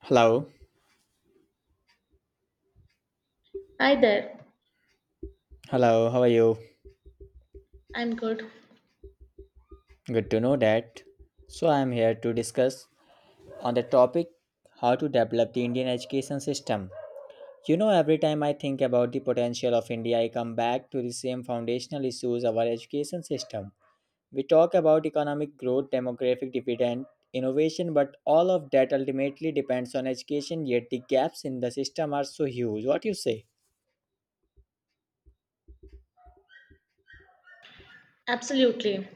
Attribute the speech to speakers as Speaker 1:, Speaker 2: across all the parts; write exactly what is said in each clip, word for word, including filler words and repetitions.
Speaker 1: Hello,
Speaker 2: Hi there,
Speaker 1: hello, how are you?
Speaker 2: I'm good.
Speaker 1: Good to know that. So, I am here to discuss on the topic how to develop the Indian education system. You know, every time I think about the potential of India, I come back to the same foundational issues of our education system. We talk about economic growth, demographic dividend, innovation, but all of that ultimately depends on education, yet the gaps in the system are so huge. What you say?
Speaker 2: Absolutely.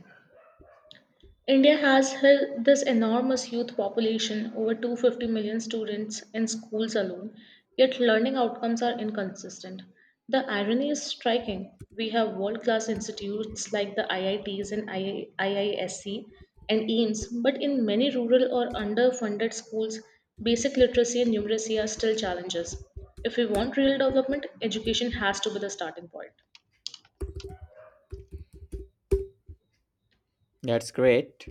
Speaker 2: India has hel- this enormous youth population, over two hundred fifty million students in schools alone, yet learning outcomes are inconsistent. The irony is striking. We have world class institutes like the I I Ts and II- IISc and E A M S, but in many rural or underfunded schools, basic literacy and numeracy are still challenges. If we want real development, education has to be the starting point.
Speaker 1: That's great.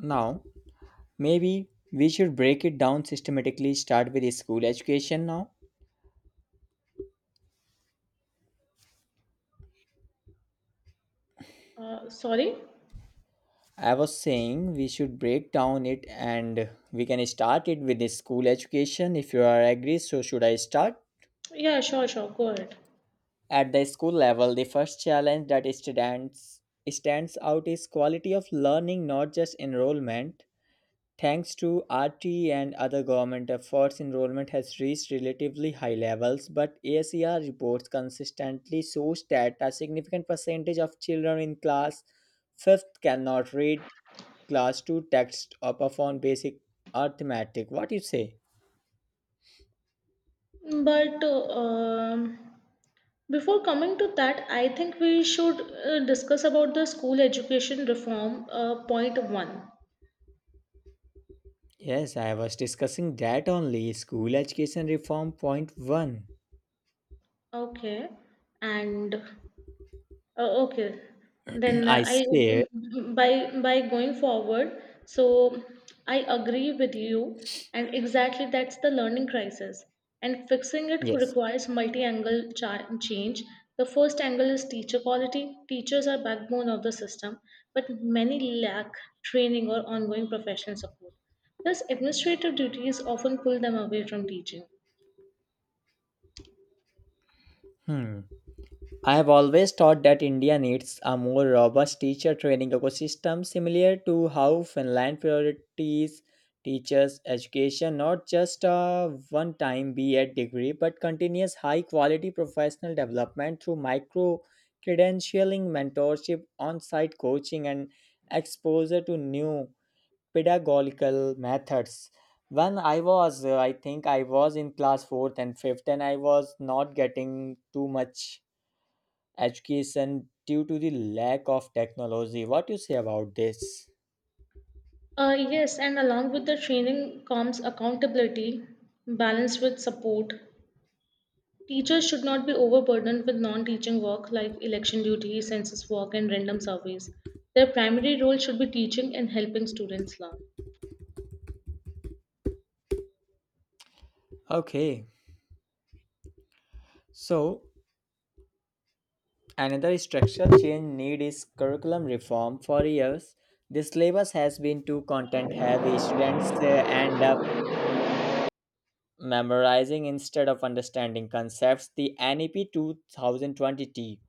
Speaker 1: Now, maybe we should break it down systematically, start with school education now.
Speaker 2: Uh, sorry?
Speaker 1: I was saying we should break down it and we can start it with the school education if you are agree. So should I start?
Speaker 2: Yeah, sure, sure. Go ahead.
Speaker 1: At the school level, the first challenge that stands stands out is quality of learning, not just enrollment. Thanks to R T E and other government efforts, enrollment has reached relatively high levels, but ASER reports consistently shows that a significant percentage of children in class fifth cannot read class two text or perform basic arithmetic. What do you say?
Speaker 2: But um, before coming to that, I think we should uh, discuss about the school education reform uh, point one.
Speaker 1: Yes, I was discussing that only. School education reform point one.
Speaker 2: Okay, and oh, okay. Then uh,
Speaker 1: I
Speaker 2: I,
Speaker 1: said
Speaker 2: mm, mm, by by going forward, so I agree with you, and exactly that's the learning crisis. And fixing it
Speaker 1: yes.
Speaker 2: requires multi-angle cha- change. The first angle is teacher quality. Teachers are backbone of the system, but many lack training or ongoing professional support. Thus, administrative duties often pull them away from teaching.
Speaker 1: Hmm. I have always thought that India needs a more robust teacher training ecosystem similar to how Finland priorities teachers education, not just a one time B A degree but continuous high quality professional development through micro credentialing, mentorship, on site coaching and exposure to new pedagogical methods. When i was uh, I think I was in class fourth and fifth and I was not getting too much education due to the lack of technology. What you say about this?
Speaker 2: Uh, yes, and along with the training comes accountability balanced with support. Teachers should not be overburdened with non teaching work like election duty, census work, and random surveys. Their primary role should be teaching and helping students learn.
Speaker 1: Okay, so another structural change need is curriculum reform. For years, the syllabus has been too content heavy. Students uh, end up memorizing instead of understanding concepts. The N E P two thousand twenty t,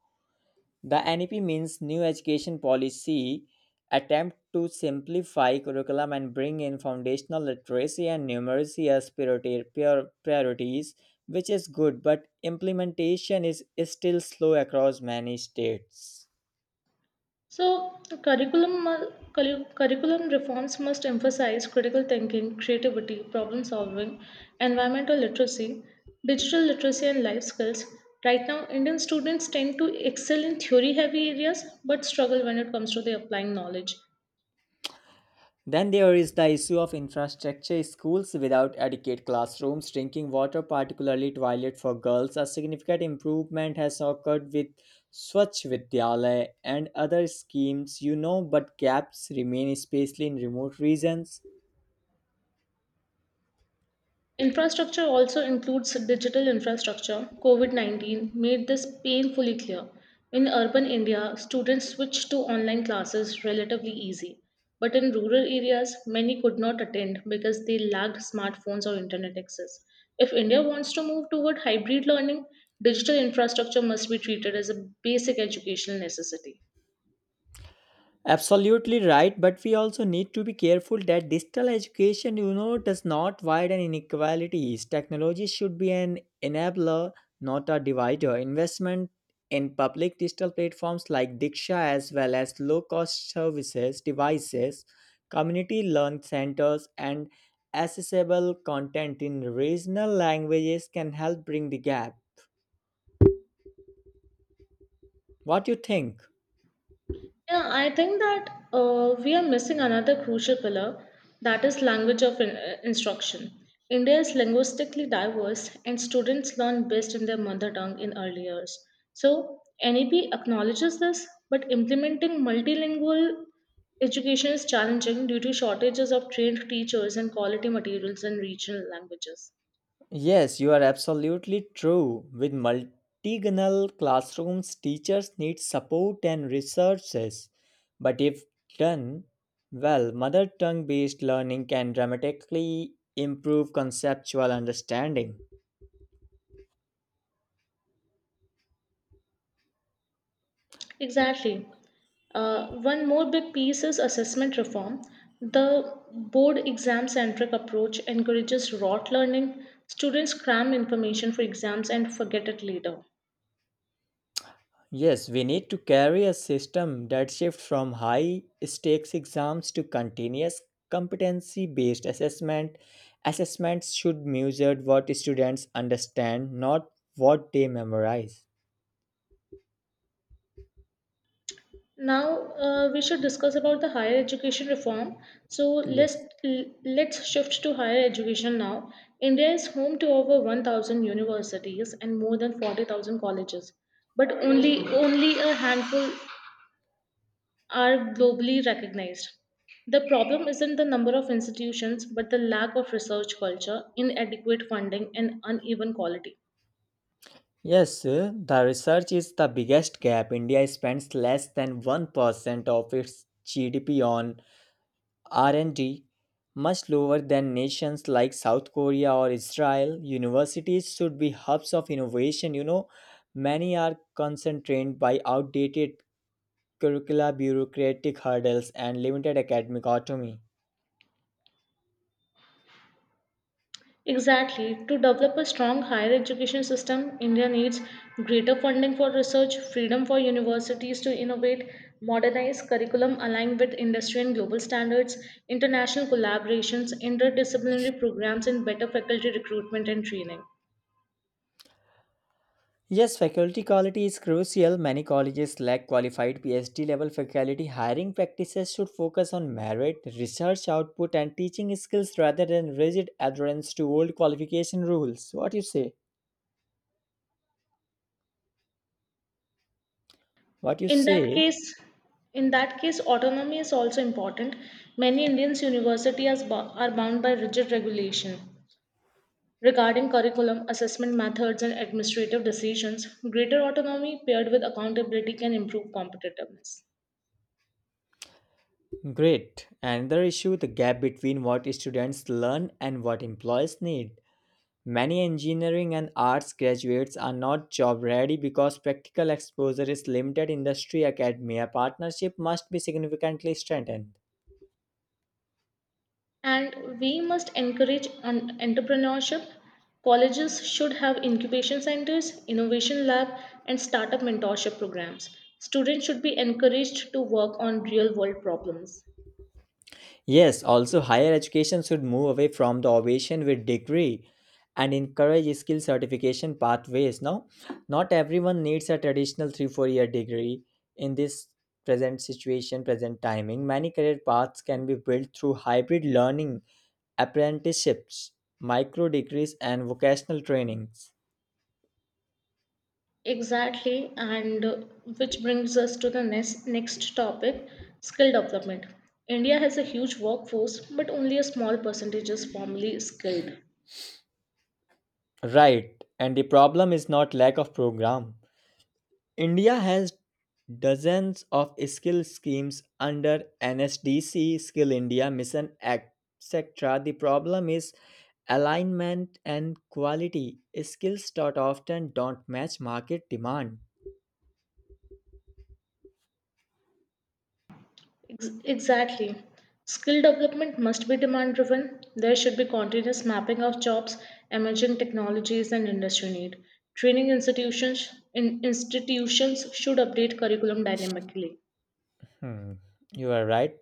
Speaker 1: the N E P means New Education Policy, attempt to simplify curriculum and bring in foundational literacy and numeracy as priority, prior- priorities, which is good, but implementation is still slow across many states.
Speaker 2: So, curriculum mu- curri- curriculum reforms must emphasize critical thinking, creativity, problem solving, environmental literacy, digital literacy, and life skills. Right now, Indian students tend to excel in theory heavy areas but struggle when it comes to the applying knowledge.
Speaker 1: Then there is the issue of infrastructure. Schools without adequate classrooms, drinking water, particularly toilet for girls, a significant improvement has occurred with Swachh Vidyalaya and other schemes, you know, but gaps remain, especially in remote regions.
Speaker 2: Infrastructure also includes digital infrastructure. COVID nineteen made this painfully clear. In urban India, students switched to online classes relatively easy. But in rural areas, many could not attend because they lacked smartphones or internet access. If India wants to move toward hybrid learning, digital infrastructure must be treated as a basic educational necessity.
Speaker 1: Absolutely right, but we also need to be careful that digital education, you know, does not widen inequalities. Technology should be an enabler, not a divider. Investment in public digital platforms like Diksha, as well as low cost services, devices, community learn centers, and accessible content in regional languages can help bring the gap. What do you think?
Speaker 2: Yeah, I think that uh, we are missing another crucial pillar that is language of in- uh, instruction. India is linguistically diverse and students learn best in their mother tongue in early years. So, N E P acknowledges this, but implementing multilingual education is challenging due to shortages of trained teachers and quality materials in regional languages.
Speaker 1: Yes, you are absolutely true. With multilingual classrooms, teachers need support and resources. But if done well, mother tongue based learning can dramatically improve conceptual understanding.
Speaker 2: Exactly. Uh, one more big piece is assessment reform. The board exam centric approach encourages rote learning. Students cram information for exams and forget it later.
Speaker 1: Yes, we need to carry a system that shifts from high stakes exams to continuous competency based assessment. Assessments should measure what students understand, not what they memorize.
Speaker 2: Now uh, we should discuss about the higher education reform. So let's
Speaker 1: Yes.
Speaker 2: let's shift to higher education now. India is home to over one thousand universities and more than forty thousand colleges, but only only a handful are globally recognized. The problem isn't the number of institutions, but the lack of research culture, inadequate funding, and uneven quality.
Speaker 1: Yes, uh, the research is the biggest gap. India spends less than one percent of its G D P on R and D, much lower than nations like South Korea or Israel. Universities should be hubs of innovation, you know. Many are constrained by outdated curricula, bureaucratic hurdles, and limited academic autonomy.
Speaker 2: Exactly. To develop a strong higher education system, India needs greater funding for research, freedom for universities to innovate, modernize curriculum aligned with industry and global standards, international collaborations, interdisciplinary programs, and better faculty recruitment and training.
Speaker 1: Yes, faculty quality is crucial. Many colleges lack qualified PhD level faculty. Hiring practices should focus on merit, research output, and teaching skills rather than rigid adherence to old qualification rules. What you say? What you
Speaker 2: in that
Speaker 1: say?
Speaker 2: case in that case autonomy is also important. Many indians universities are bound by rigid regulation regarding curriculum assessment methods and administrative decisions. Greater autonomy paired with accountability can improve competitiveness.
Speaker 1: Great. Another issue, the gap between what students learn and what employers need. Many engineering and arts graduates are not job ready because practical exposure is limited. Industry academia partnership must be significantly strengthened.
Speaker 2: And we must encourage an entrepreneurship. Colleges should have incubation centers, innovation lab, and startup mentorship programs. Students should be encouraged to work on real world problems.
Speaker 1: Yes, also higher education should move away from the ovation with degree and encourage skill certification pathways. Now, not everyone needs a traditional three four year degree in this present situation, present timing. Many career paths can be built through hybrid learning, apprenticeships, micro degrees and vocational trainings.
Speaker 2: Exactly, and uh, which brings us to the next, next topic, skill development. India has a huge workforce, but only a small percentage is formally skilled.
Speaker 1: Right, and the problem is not lack of program. India has dozens of skill schemes under N S D C, Skill India Mission, et cetera. The problem is alignment and quality. Skills that often don't match market demand.
Speaker 2: Ex- exactly. Skill development must be demand driven. There should be continuous mapping of jobs, emerging technologies, and industry need. Training institutions, in, institutions should update curriculum dynamically.
Speaker 1: Hmm, you are right.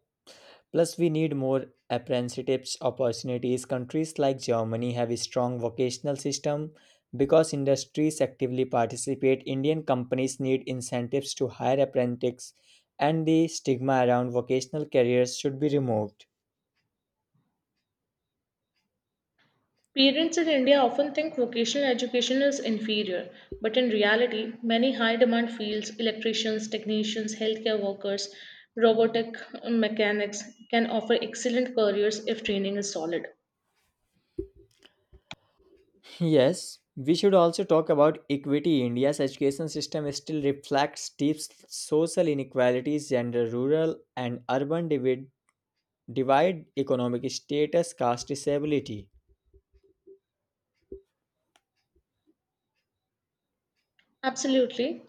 Speaker 1: Plus, we need more apprenticeships opportunities. Countries like Germany have a strong vocational system because industries actively participate. Indian companies need incentives to hire apprentices, and the stigma around vocational careers should be removed.
Speaker 2: Parents in India often think vocational education is inferior, but in reality, many high demand fields, electricians, technicians, healthcare workers, robotic mechanics, can offer excellent careers if training is solid.
Speaker 1: Yes, we should also talk about equity. India's education system still reflects deep social inequalities, gender, rural, and urban divid- divide, economic status, caste, disability.
Speaker 2: Absolutely.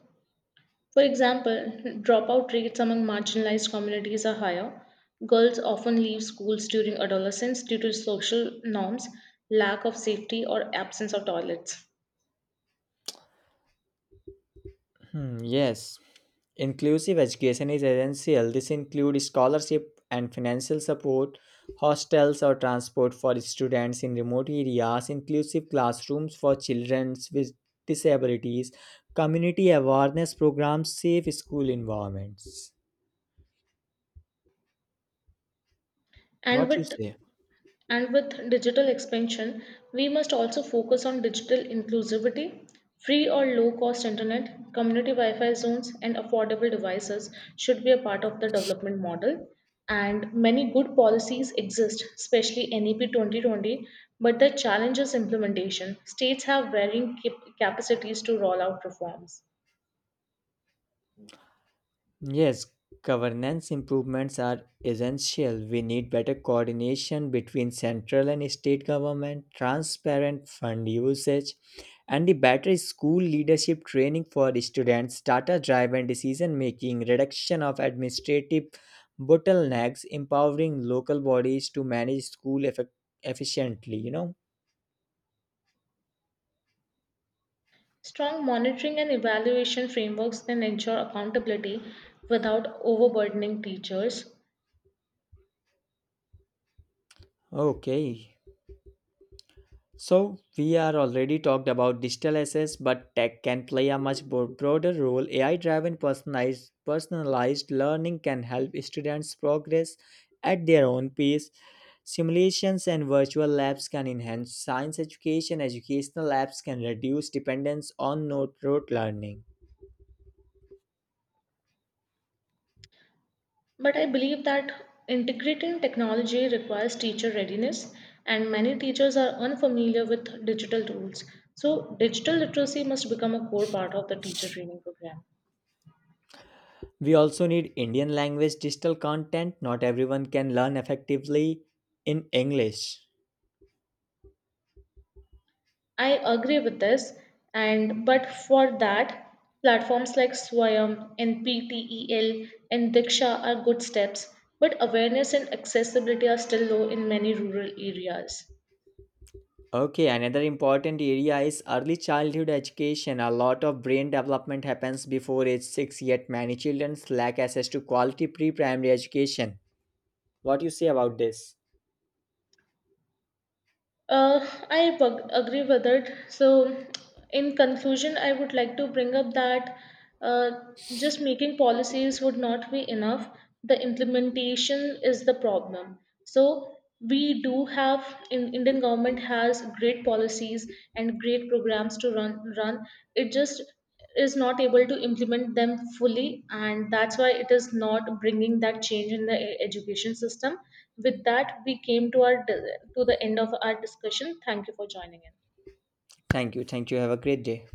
Speaker 2: For example, dropout rates among marginalized communities are higher. Girls often leave schools during adolescence due to social norms, lack of safety, or absence of toilets.
Speaker 1: Hmm, yes, inclusive education is essential. This includes scholarship and financial support, hostels or transport for students in remote areas, inclusive classrooms for children with disabilities, community awareness programs, safe school environments.
Speaker 2: And
Speaker 1: What you
Speaker 2: with
Speaker 1: say?
Speaker 2: And with digital expansion, we must also focus on digital inclusivity. Free or low cost internet, community Wi Fi zones, and affordable devices should be a part of the development model. And many good policies exist, especially N E P twenty twenty, but the challenge is implementation. States have varying cap- capacities to roll out reforms.
Speaker 1: Yes, governance improvements are essential. We need better coordination between central and state government, transparent fund usage, and the better school leadership training for students, data driven decision making, reduction of administrative bottlenecks, empowering local bodies to manage school effe- efficiently, you know.
Speaker 2: Strong monitoring and evaluation frameworks can ensure accountability without overburdening teachers.
Speaker 1: Okay. So, we are already talked about digital assets, but tech can play a much bo- broader role. A I driven personalized, personalized learning can help students progress at their own pace. Simulations and virtual labs can enhance science education, educational labs can reduce dependence on note rote learning.
Speaker 2: But I believe that integrating technology requires teacher readiness, and many teachers are unfamiliar with digital tools. So, digital literacy must become a core part of the teacher training program.
Speaker 1: We also need Indian language digital content. Not everyone can learn effectively in English.
Speaker 2: I agree with this, and but for that, platforms like Swayam, N P T E L, and Diksha are good steps, but awareness and accessibility are still low in many rural areas.
Speaker 1: Okay, another important area is early childhood education. A lot of brain development happens before age six, yet many children lack access to quality pre primary education. What do you say about this?
Speaker 2: Uh, I bug- agree with it. So, in conclusion, I would like to bring up that uh, just making policies would not be enough. The implementation is the problem. So, we do have in Indian government has great policies and great programs to run run. It just is not able to implement them fully, and that's why it is not bringing that change in the e- education system. With that, we came to our to the end of our discussion. Thank you for joining in.
Speaker 1: Thank you. Thank you. Have a great day.